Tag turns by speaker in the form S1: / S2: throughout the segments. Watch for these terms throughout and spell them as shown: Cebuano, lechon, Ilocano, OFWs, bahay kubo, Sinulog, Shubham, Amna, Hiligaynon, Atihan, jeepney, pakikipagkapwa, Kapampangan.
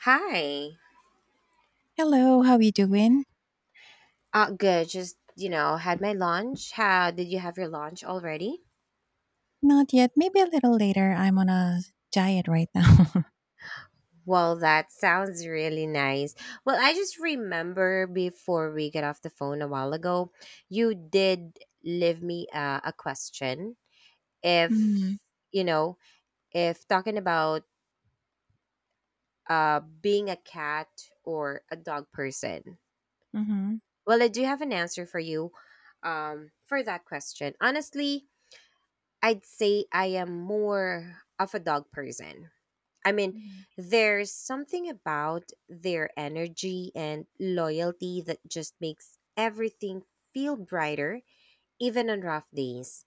S1: Hi.
S2: Hello, how you doing?
S1: Good. Just, had my lunch. How did you have your lunch already?
S2: Not yet, maybe a little later. I'm on a diet right now.
S1: Well, that sounds really nice. Well, I just remember before we get off the phone a while ago, you did leave me a question.
S2: Mm,
S1: If, you know, if talking about being a cat or a dog person.
S2: mhm,
S1: Well, I do have an answer for you for that question. Honestly, I'd say I am more of a dog person. I mean,
S2: mhm.
S1: there's something about their energy and loyalty that just makes everything feel brighter, even on rough days.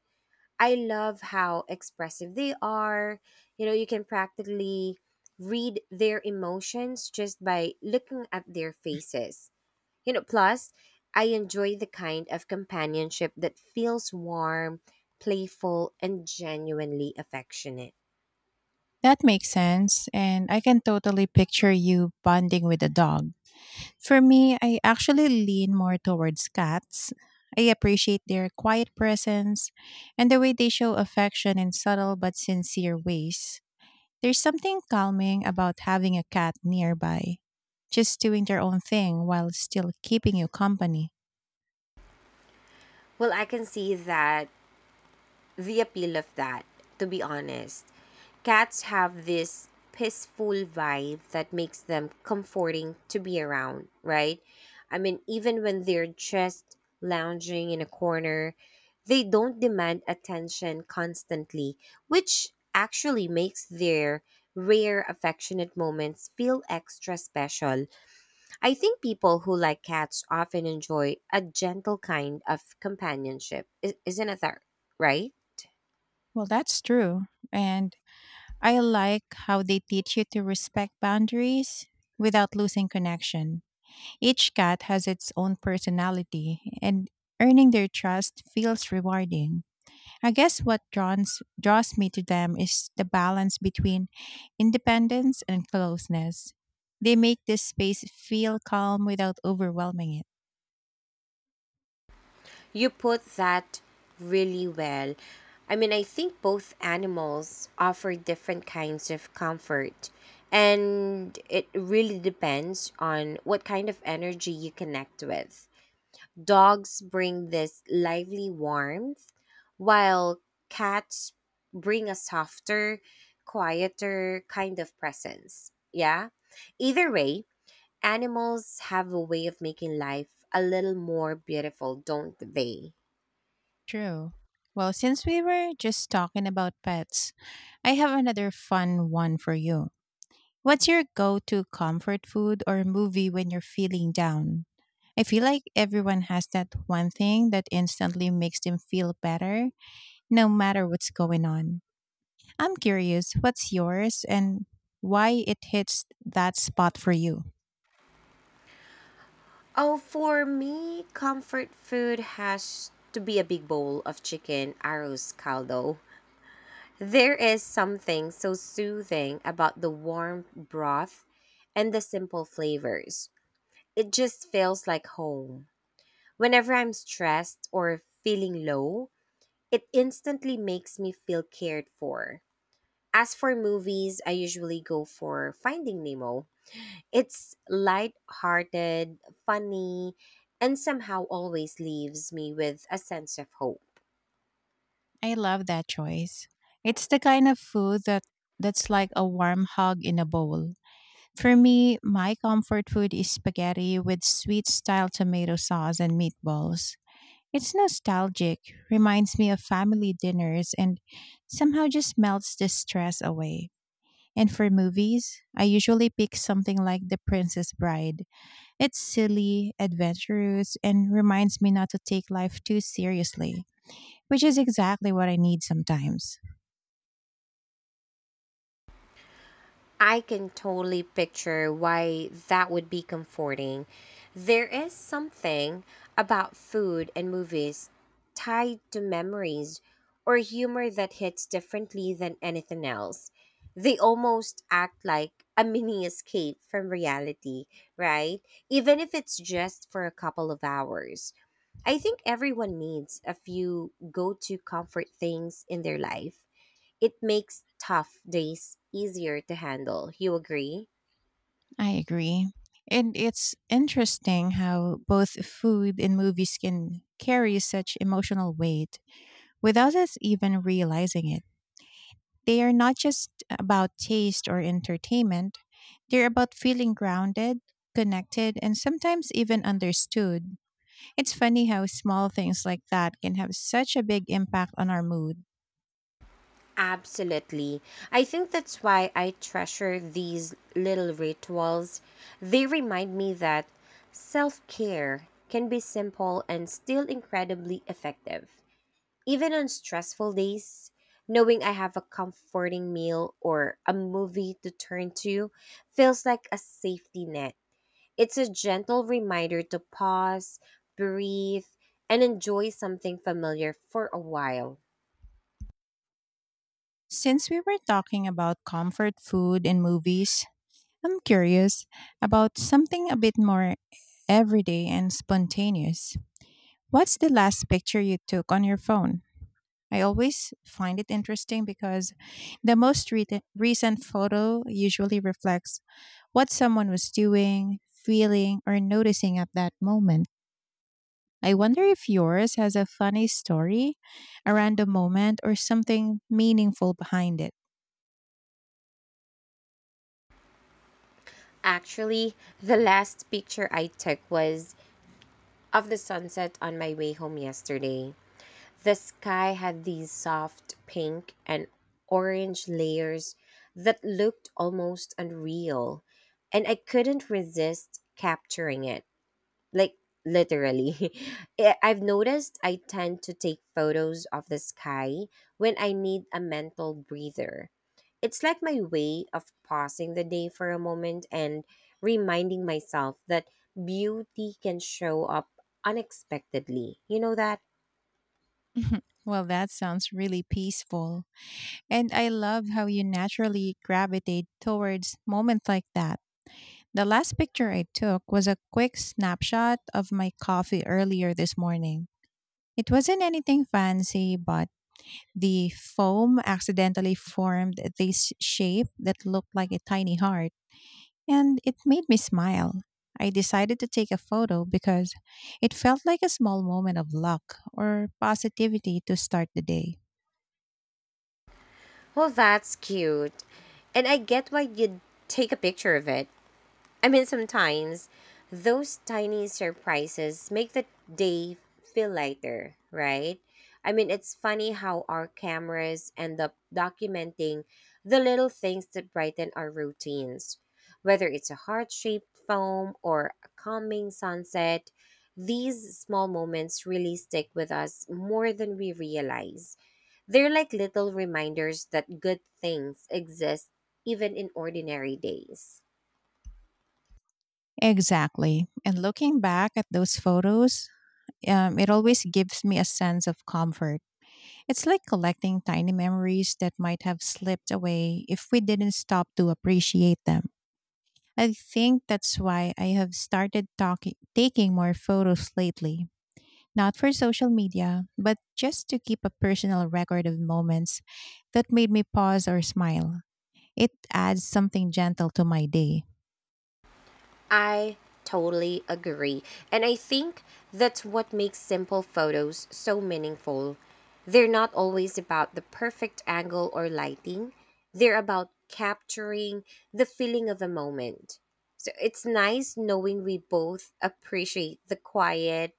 S1: I love how expressive they are. You know, you can practically read their emotions just by looking at their faces, plus, I enjoy the kind of companionship that feels warm, playful, and genuinely affectionate.
S2: That makes sense, and I can totally picture you bonding with a dog. For me, I actually lean more towards cats. I appreciate their quiet presence and the way they show affection in subtle but sincere ways. There's something calming about having a cat nearby, just doing their own thing while still keeping you company.
S1: Well, I can see that the appeal of that, to be honest. Cats have this peaceful vibe that makes them comforting to be around, right? I mean, even when they're just lounging in a corner, they don't demand attention constantly, which actually makes their rare affectionate moments feel extra special. I think people who like cats often enjoy a gentle kind of companionship. Isn't it that right?
S2: Well, that's true. And I like how they teach you to respect boundaries without losing connection. Each cat has its own personality, and earning their trust feels rewarding. I guess what draws me to them is the balance between independence and closeness. They make this space feel calm without overwhelming it.
S1: You put that really well. I mean, I think both animals offer different kinds of comfort, and it really depends on what kind of energy you connect with. Dogs bring this lively warmth, while cats bring a softer, quieter kind of presence. Yeah? Either way, animals have a way of making life a little more beautiful, don't they?
S2: True. Well, since we were just talking about pets, I have another fun one for you. What's your go to comfort food or movie when you're feeling down? I feel like everyone has that one thing that instantly makes them feel better, no matter what's going on. I'm curious, what's yours and why it hits that spot for you?
S1: Oh, for me, comfort food has to be a big bowl of chicken arroz caldo. There is something so soothing about the warm broth and the simple flavors. It just feels like home. Whenever I'm stressed or feeling low, it instantly makes me feel cared for. As for movies, I usually go for Finding Nemo. It's light-hearted, funny, and somehow always leaves me with a sense of hope.
S2: I love that choice. It's the kind of food that's like a warm hug in a bowl. For me, my comfort food is spaghetti with sweet style tomato sauce and meatballs. It's nostalgic, reminds me of family dinners, and somehow just melts the stress away. And for movies, I usually pick something like The Princess Bride. It's silly, adventurous, and reminds me not to take life too seriously, which is exactly what I need sometimes.
S1: I can totally picture why that would be comforting. There is something about food and movies tied to memories or humor that hits differently than anything else. They almost act like a mini escape from reality, right? Even if it's just for a couple of hours. I think everyone needs a few go to comfort things in their life. It makes tough days easier to handle. You agree?
S2: I agree. And it's interesting how both food and movies can carry such emotional weight without us even realizing it. They are not just about taste or entertainment, they're about feeling grounded, connected, and sometimes even understood. It's funny how small things like that can have such a big impact on our mood.
S1: Absolutely. I think that's why I treasure these little rituals. They remind me that self care can be simple and still incredibly effective. Even on stressful days, knowing I have a comforting meal or a movie to turn to feels like a safety net. It's a gentle reminder to pause, breathe, and enjoy something familiar for a while.
S2: Since we were talking about comfort food and movies, I'm curious about something a bit more everyday and spontaneous. What's the last picture you took on your phone? I always find it interesting because the recent photo usually reflects what someone was doing, feeling, or noticing at that moment. I wonder if yours has a funny story around the moment or something meaningful behind it.
S1: Actually, the last picture I took was of the sunset on my way home yesterday. The sky had these soft pink and orange layers that looked almost unreal, and I couldn't resist capturing it. Like, literally. I've noticed I tend to take photos of the sky when I need a mental breather. It's like my way of pausing the day for a moment and reminding myself that beauty can show up unexpectedly, you know that
S2: Well, that sounds really peaceful. And I love how you naturally gravitate towards moments like that. The last picture I took was a quick snapshot of my coffee earlier this morning. It wasn't anything fancy, but the foam accidentally formed this shape that looked like a tiny heart. And it made me smile. I decided to take a photo because it felt like a small moment of luck or positivity to start the day.
S1: Well, that's cute, and I get why you'd take a picture of it. I mean, sometimes those tiny surprises make the day feel lighter, right? I mean, it's funny how our cameras end up documenting the little things that brighten our routines. Whether it's a heart shaped foam or a calming sunset, these small moments really stick with us more than we realize. They're like little reminders that good things exist even in ordinary days.
S2: Exactly. And looking back at those photos, it always gives me a sense of comfort. It's like collecting tiny memories that might have slipped away if we didn't stop to appreciate them. I think that's why I have taking more photos lately. Not for social media, but just to keep a personal record of moments that made me pause or smile. It adds something gentle to my day.
S1: I totally agree. And I think that's what makes simple photos so meaningful. They're not always about the perfect angle or lighting, they're about capturing the feeling of a moment. So it's nice knowing we both appreciate the quiet,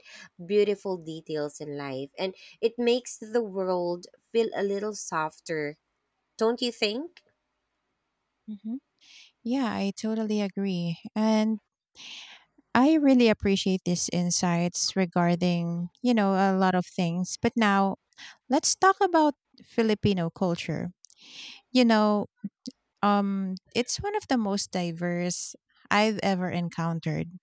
S1: beautiful details in life, and it makes the world feel a little softer, don't you think?
S2: Mhm. Yeah, I totally agree. And I really appreciate these insights regarding, you know, a lot of things. But now let's talk about Filipino culture. You know, it's one of the most diverse I've ever encountered.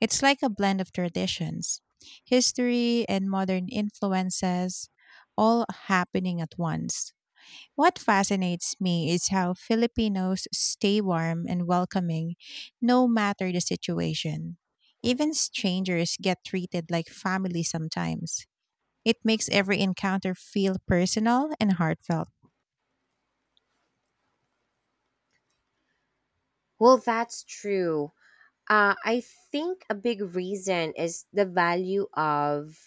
S2: It's like a blend of traditions, history, and modern influences all happening at once. What fascinates me is how Filipinos stay warm and welcoming no matter the situation. Even strangers get treated like family sometimes. It makes every encounter feel personal and heartfelt.
S1: Well, that's true. I think a big reason is the value of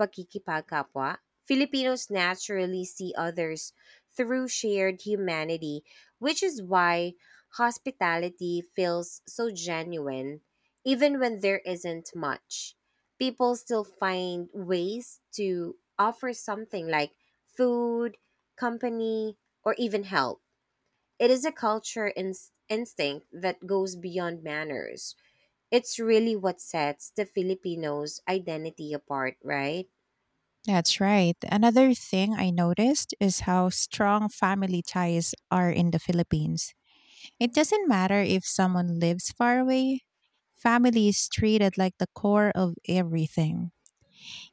S1: pakikipagkapwa. Filipinos naturally see others through shared humanity, which is why hospitality feels so genuine, even when there isn't much. People still find ways to offer something like food, company, or even help. It is a culture instinct that goes beyond manners. It's really what sets the Filipino's identity apart, right?
S2: That's right. Another thing I noticed is how strong family ties are in the Philippines. It doesn't matter if someone lives far away, family is treated like the core of everything.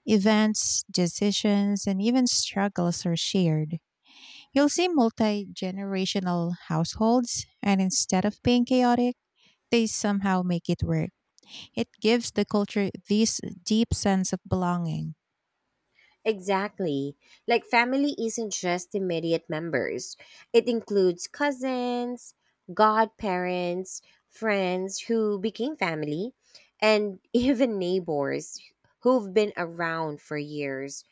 S2: Events, decisions, and even struggles are shared. You'll see multi generational households, and instead of being chaotic, they somehow make it work. It gives the culture this deep sense of belonging.
S1: Exactly. Like family isn't just immediate members. It includes cousins, godparents, friends who became family, and even neighbors who've been around for years.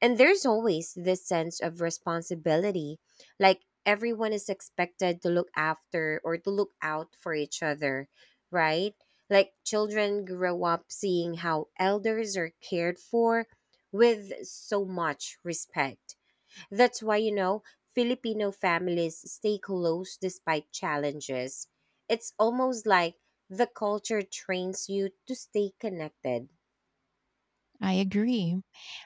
S1: And there's always this sense of responsibility, like everyone is expected to look after or to look out for each other, right? Like children grow up seeing how elders are cared for with so much respect. That's why, you know, Filipino families stay close despite challenges. It's almost like the culture trains you to stay connected.
S2: I agree.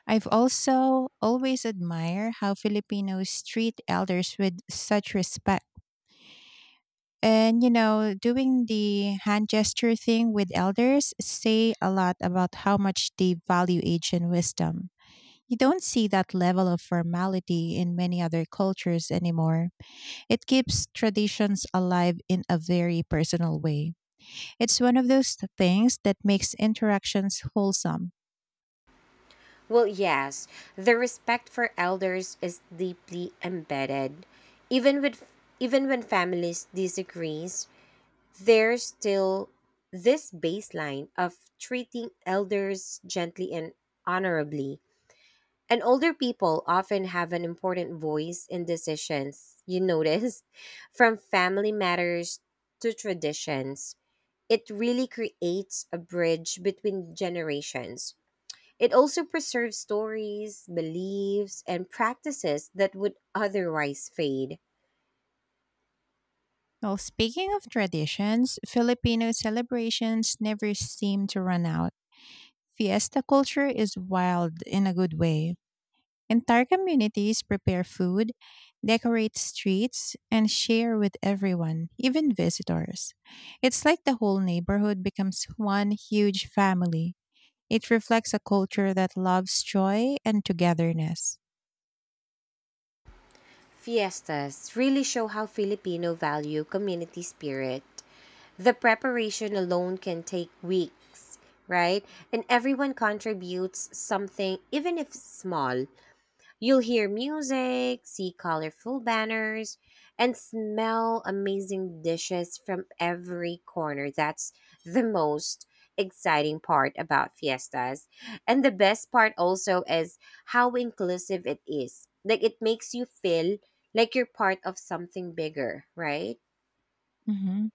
S2: I've also always admired how Filipinos treat elders with such respect. And you know, doing the hand gesture thing with elders say a lot about how much they value age and wisdom. You don't see that level of formality in many other cultures anymore. It keeps traditions alive in a very personal way. It's one of those things that makes interactions wholesome.
S1: Well, yes, the respect for elders is deeply embedded. Even with Even when families disagrees, there's still this baseline of treating elders gently and honorably. And older people often have an important voice in decisions, you notice, from family matters to traditions. It really creates a bridge between generations. It also preserves stories, beliefs, and practices that would otherwise fade.
S2: Well, speaking of traditions, Filipino celebrations never seem to run out. Fiesta culture is wild in a good way. Entire communities prepare food, decorate streets, and share with everyone, even visitors. It's like the whole neighborhood becomes one huge family. It reflects a culture that loves joy and togetherness.
S1: Fiestas really show how Filipino value community spirit. The preparation alone can take weeks, right? And everyone contributes something, even if small. You'll hear music, see colorful banners, and smell amazing dishes from every corner. That's the most exciting part about fiestas. And the best part also is how inclusive it is. Like it makes you feel like you're part of something bigger, right?
S2: Hmm.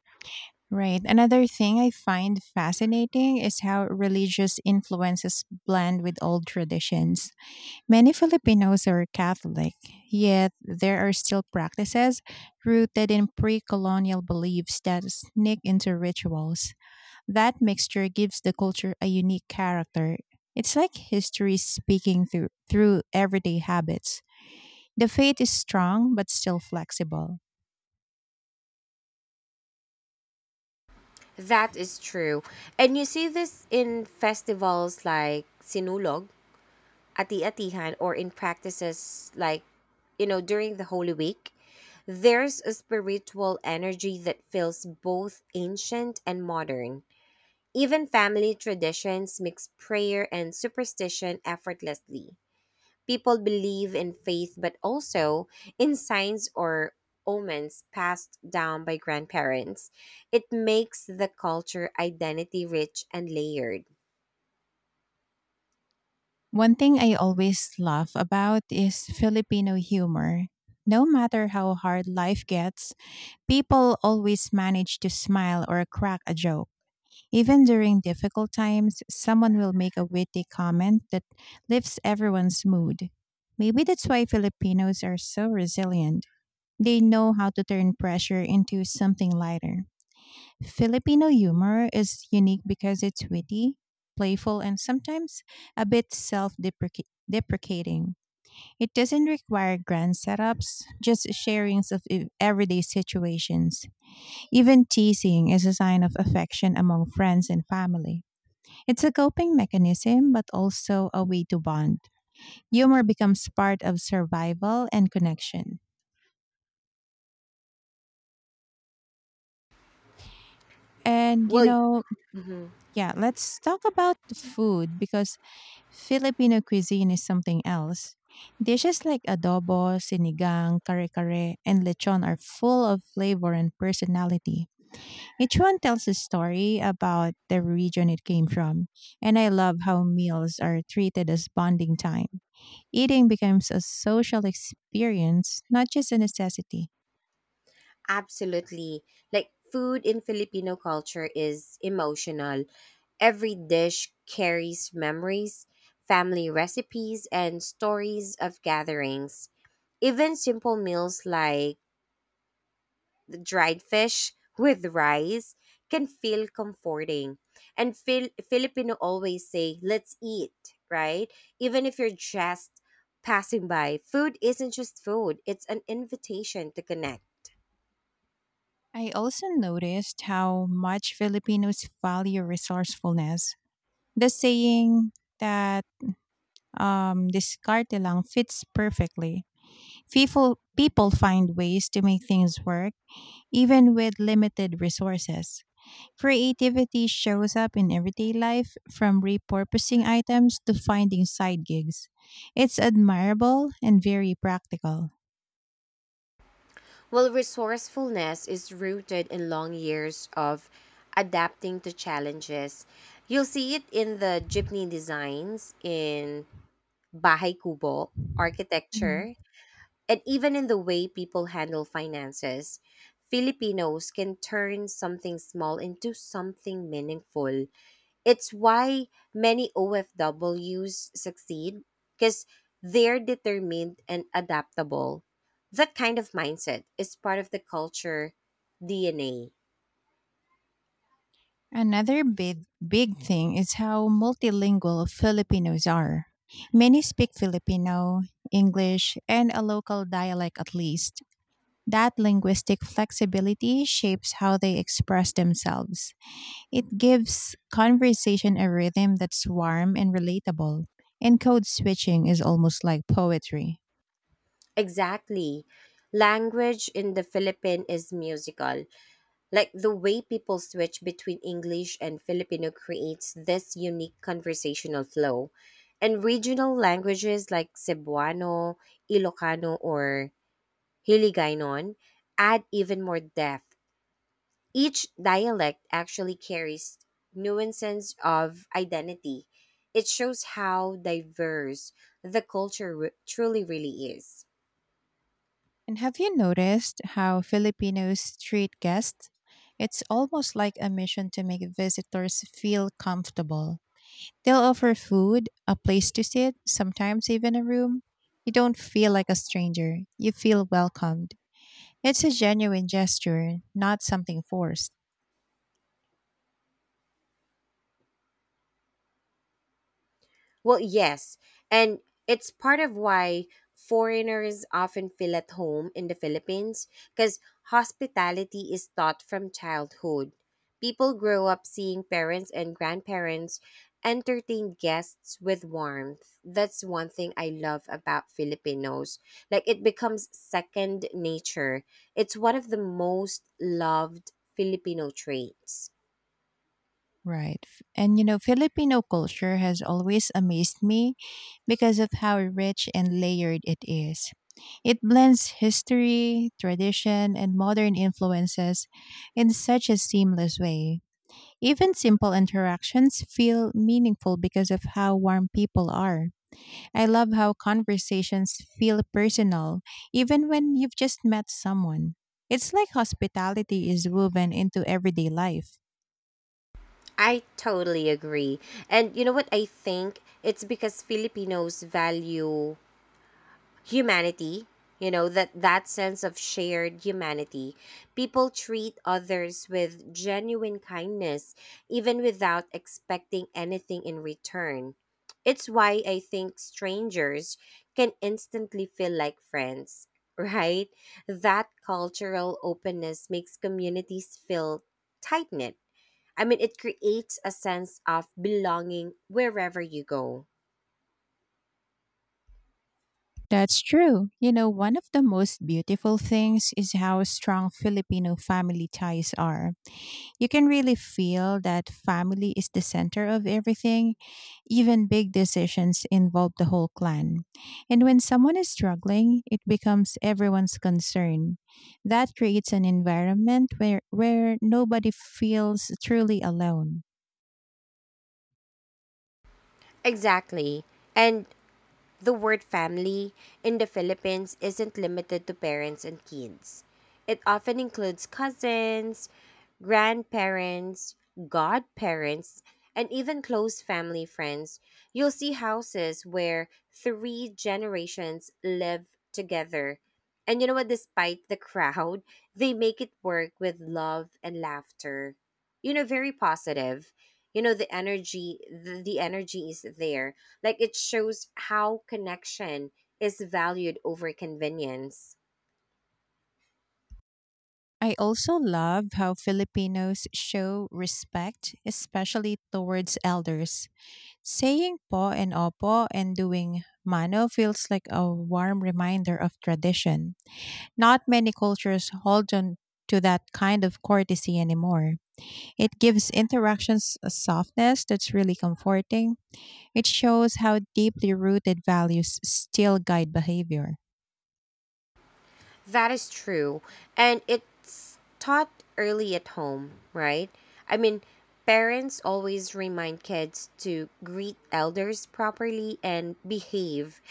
S2: Right. Another thing I find fascinating is how religious influences blend with old traditions. Many Filipinos are Catholic, yet there are still practices rooted in pre colonial beliefs that sneak into rituals. That mixture gives the culture a unique character. It's like history speaking through everyday habits. The faith is strong but still flexible.
S1: That is true. And you see this in festivals like Sinulog at the Atihan or in practices like, you know, during the Holy Week, there's a spiritual energy that feels both ancient and modern. Even family traditions mix prayer and superstition effortlessly. People believe in faith, but also in signs or omens passed down by grandparents. It makes the culture identity rich and layered.
S2: One thing I always laugh about is Filipino humor. No matter how hard life gets, people always manage to smile or crack a joke. Even during difficult times, someone will make a witty comment that lifts everyone's mood. Maybe that's why Filipinos are so resilient. They know how to turn pressure into something lighter. Filipino humor is unique because it's witty, playful, and sometimes a bit self deprecating. It doesn't require grand setups, just sharings of everyday situations. Even teasing is a sign of affection among friends and family. It's a coping mechanism, but also a way to bond. Humor becomes part of survival and connection. And, you
S1: Well,
S2: know,
S1: mhm.
S2: yeah, let's talk about the food because Filipino cuisine is something else. Dishes like adobo, sinigang, kare-kare, and lechon are full of flavor and personality. Each one tells a story about the region it came from. And I love how meals are treated as bonding time. Eating becomes a social experience, not just a necessity.
S1: Absolutely. Like food in Filipino culture is emotional. Every dish carries memories, family recipes, and stories of gatherings. Even simple meals like the dried fish with rice can feel comforting. And Filipino always say, let's eat, right? Even if you're just passing by, food isn't just food, it's an invitation to connect.
S2: I also noticed how much Filipinos value resourcefulness. The saying that discarte lang fits perfectly. People find ways to make things work, even with limited resources. Creativity shows up in everyday life, from repurposing items to finding side gigs. It's admirable and very practical.
S1: Well, resourcefulness is rooted in long years of adapting to challenges. You'll see it in the jeepney designs, in bahay kubo architecture, and even in the way people handle finances. Filipinos can turn something small into something meaningful. It's why many OFWs succeed because they're determined and adaptable. That kind of mindset is part of the culture DNA.
S2: Another big thing is how multilingual Filipinos are. Many speak Filipino, English, and a local dialect at least. That linguistic flexibility shapes how they express themselves. It gives conversation a rhythm that's warm and relatable. And code switching is almost like poetry.
S1: Exactly. Language in the Philippines is musical. Like the way people switch between English and Filipino creates this unique conversational flow. And regional languages like Cebuano, Ilocano, or Hiligaynon add even more depth. Each dialect actually carries nuances of identity. It shows how diverse the culture truly really is.
S2: And have you noticed how Filipinos treat guests? It's almost like a mission to make visitors feel comfortable. They'll offer food, a place to sit, sometimes even a room. You don't feel like a stranger, you feel welcomed. It's a genuine gesture, not something forced.
S1: Well, yes. And it's part of why foreigners often feel at home in the Philippines because hospitality is taught from childhood. People grow up seeing parents and grandparents entertain guests with warmth. That's one thing I love about Filipinos. Like it becomes second nature. It's one of the most loved Filipino traits.
S2: Right. And you know, Filipino culture has always amazed me because of how rich and layered it is. It blends history, tradition, and modern influences in such a seamless way. Even simple interactions feel meaningful because of how warm people are. I love how conversations feel personal, even when you've just met someone. It's like hospitality is woven into everyday life.
S1: I totally agree. And you know what I think? It's because Filipinos value humanity, you know, that sense of shared humanity. People treat others with genuine kindness even without expecting anything in return. It's why I think strangers can instantly feel like friends, right? That cultural openness makes communities feel tight knit. I mean, it creates a sense of belonging wherever you go.
S2: That's true. You know, one of the most beautiful things is how strong Filipino family ties are. You can really feel that family is the center of everything. Even big decisions involve the whole clan. And when someone is struggling, it becomes everyone's concern. That creates an environment where nobody feels truly alone.
S1: Exactly. And the word family in the Philippines isn't limited to parents and kids. It often includes cousins, grandparents, godparents, and even close family friends. You'll see houses where three generations live together. And you know what? Despite the crowd, they make it work with love and laughter. You know, very positive. You know, the energy is there, like it shows how connection is valued over convenience.
S2: I also love how Filipinos show respect, especially towards elders. Saying po and opo and doing mano feels like a warm reminder of tradition. Not many cultures hold on to that kind of courtesy anymore. It gives interactions a softness that's really comforting. It shows how deeply rooted values still guide behavior.
S1: That is true. And it's taught early at home, right? I mean, parents always remind kids to greet elders properly and behave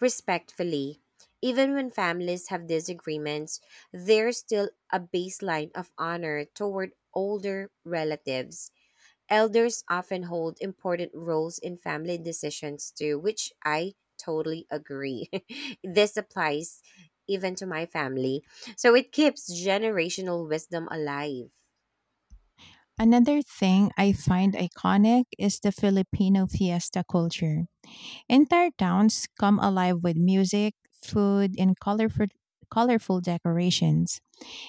S1: respectfully. Even when families have disagreements, there's still a baseline of honor toward older relatives. Elders often hold important roles in family decisions too, which I totally agree. This applies even to my family. So it keeps generational wisdom alive.
S2: Another thing I find iconic is the Filipino fiesta culture. Entire towns come alive with music, food, and colorful decorations.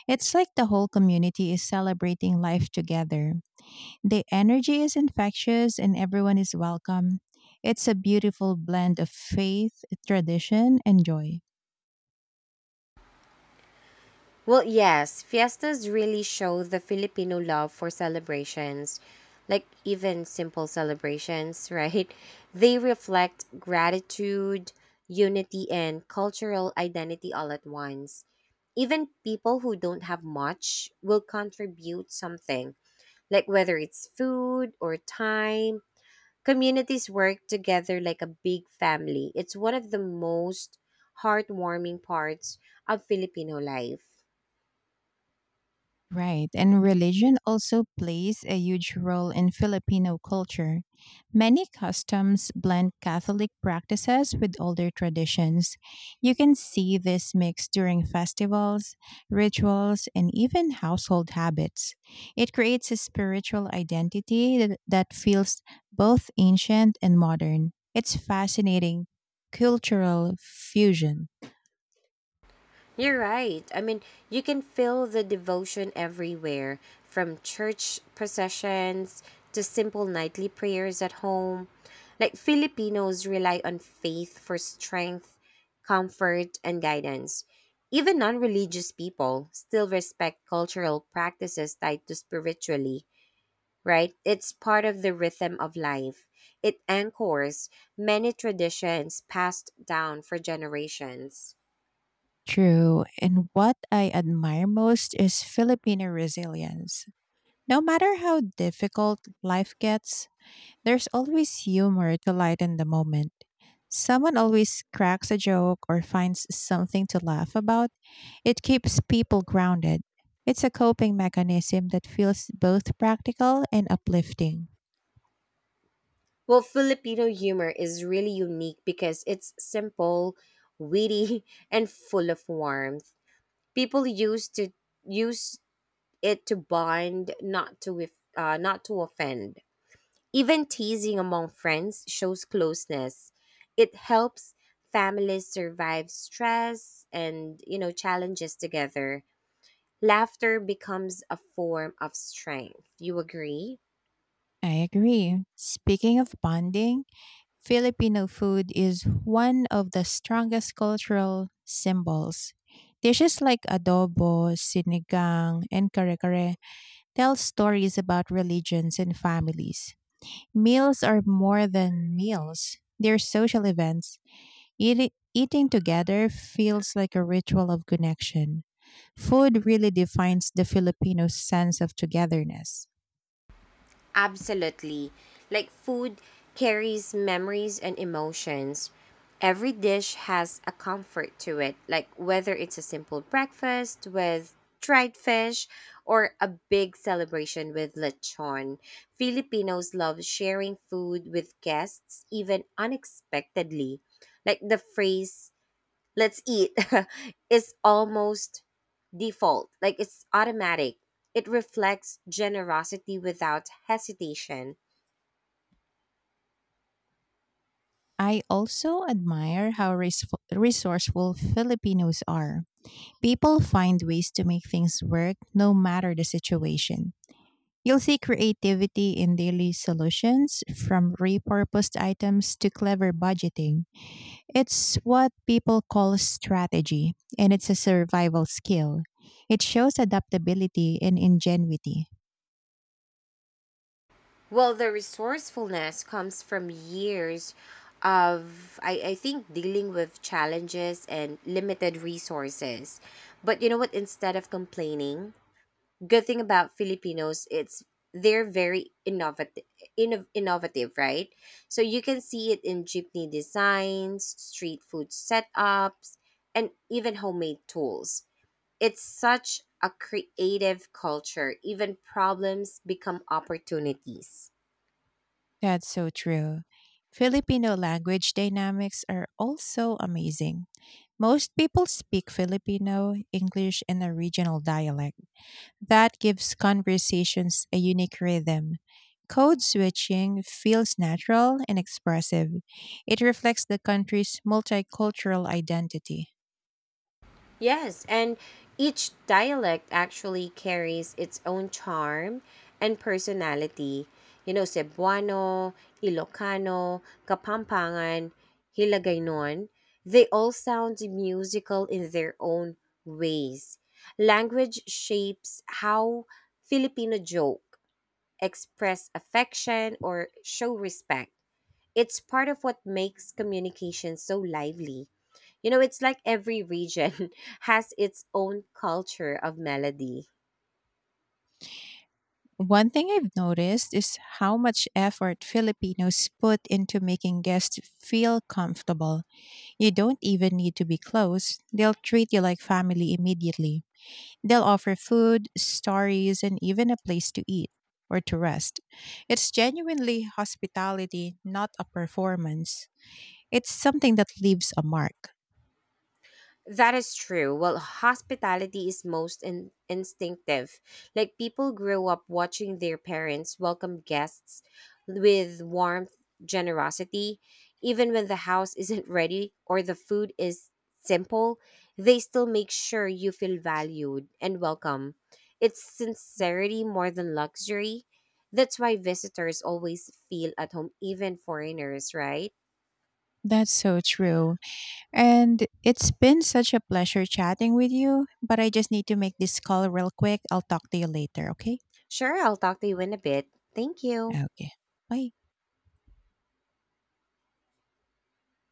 S2: It's like the whole community is celebrating life together. The energy is infectious and everyone is welcome. It's a beautiful blend of faith, tradition, and joy.
S1: Well, yes, fiestas really show the Filipino love for celebrations, like even simple celebrations, right? They reflect gratitude, unity, and cultural identity all at once. Even people who don't have much will contribute something, like whether it's food or time. Communities work together like a big family. It's one of the most heartwarming parts of Filipino life.
S2: Right, and religion also plays a huge role in Filipino culture. Many customs blend Catholic practices with older traditions. You can see this mix during festivals, rituals, and even household habits. It creates a spiritual identity that feels both ancient and modern. It's fascinating cultural fusion.
S1: You're right. I mean, you can feel the devotion everywhere, from church processions to simple nightly prayers at home. Like Filipinos rely on faith for strength, comfort, and guidance. Even non religious people still respect cultural practices tied to spiritually, right? It's part of the rhythm of life. It anchors many traditions passed down for generations.
S2: True. And what I admire most is Filipino resilience. No matter how difficult life gets, there's always humor to lighten the moment. Someone always cracks a joke or finds something to laugh about. It keeps people grounded. It's a coping mechanism that feels both practical and uplifting.
S1: Well, Filipino humor is really unique because it's simple, witty, and full of warmth. People used to use it to bond, not to offend. Even teasing among friends shows closeness. It helps families survive stress and you know challenges together. Laughter becomes a form of strength. You agree?
S2: I agree. Speaking of bonding, Filipino food is one of the strongest cultural symbols. Dishes like adobo, sinigang, and kare tell stories about religions and families. Meals are more than meals, they're social events. Eating together feels like a ritual of connection. Food really defines the Filipino sense of togetherness.
S1: Absolutely. Like food carries memories and emotions. Every dish has a comfort to it, like whether it's a simple breakfast with dried fish or a big celebration with lechon. Filipinos love sharing food with guests, even unexpectedly. Like the phrase, let's eat, is almost default, like it's automatic. It reflects generosity without hesitation.
S2: I also admire how resourceful Filipinos are. People find ways to make things work no matter the situation. You'll see creativity in daily solutions, from repurposed items to clever budgeting. It's what people call strategy, and it's a survival skill. It shows adaptability and ingenuity.
S1: Well, the resourcefulness comes from years of, I think, dealing with challenges and limited resources. But you know what? Instead of complaining, good thing about Filipinos, it's they're very innovative, innovative, right? So you can see it in jeepney designs, street food setups, and even homemade tools. It's such a creative culture. Even problems become opportunities.
S2: That's so true. Filipino language dynamics are also amazing. Most people speak Filipino, English, and a regional dialect. That gives conversations a unique rhythm. Code switching feels natural and expressive. It reflects the country's multicultural identity.
S1: Yes, and each dialect actually carries its own charm and personality. You know, Cebuano, Ilocano, Kapampangan, Hiligaynon, they all sound musical in their own ways. Language shapes how Filipino joke, express affection, or show respect. It's part of what makes communication so lively. You know, it's like every region has its own culture of melody.
S2: One thing I've noticed is how much effort Filipinos put into making guests feel comfortable. You don't even need to be close. They'll treat you like family immediately. They'll offer food, stories, and even a place to eat or to rest. It's genuinely hospitality, not a performance. It's something that leaves a mark.
S1: That is true. Well, hospitality is most instinctive. Like people grow up watching their parents welcome guests with warmth, generosity, even when the house isn't ready or the food is simple, they still make sure you feel valued and welcome. It's sincerity more than luxury. That's why visitors always feel at home, even foreigners, right?
S2: That's so true. And it's been such a pleasure chatting with you, but I just need to make this call real quick. I'll talk to you later, okay?
S1: Sure, I'll talk to you in a bit. Thank you.
S2: Okay. Bye.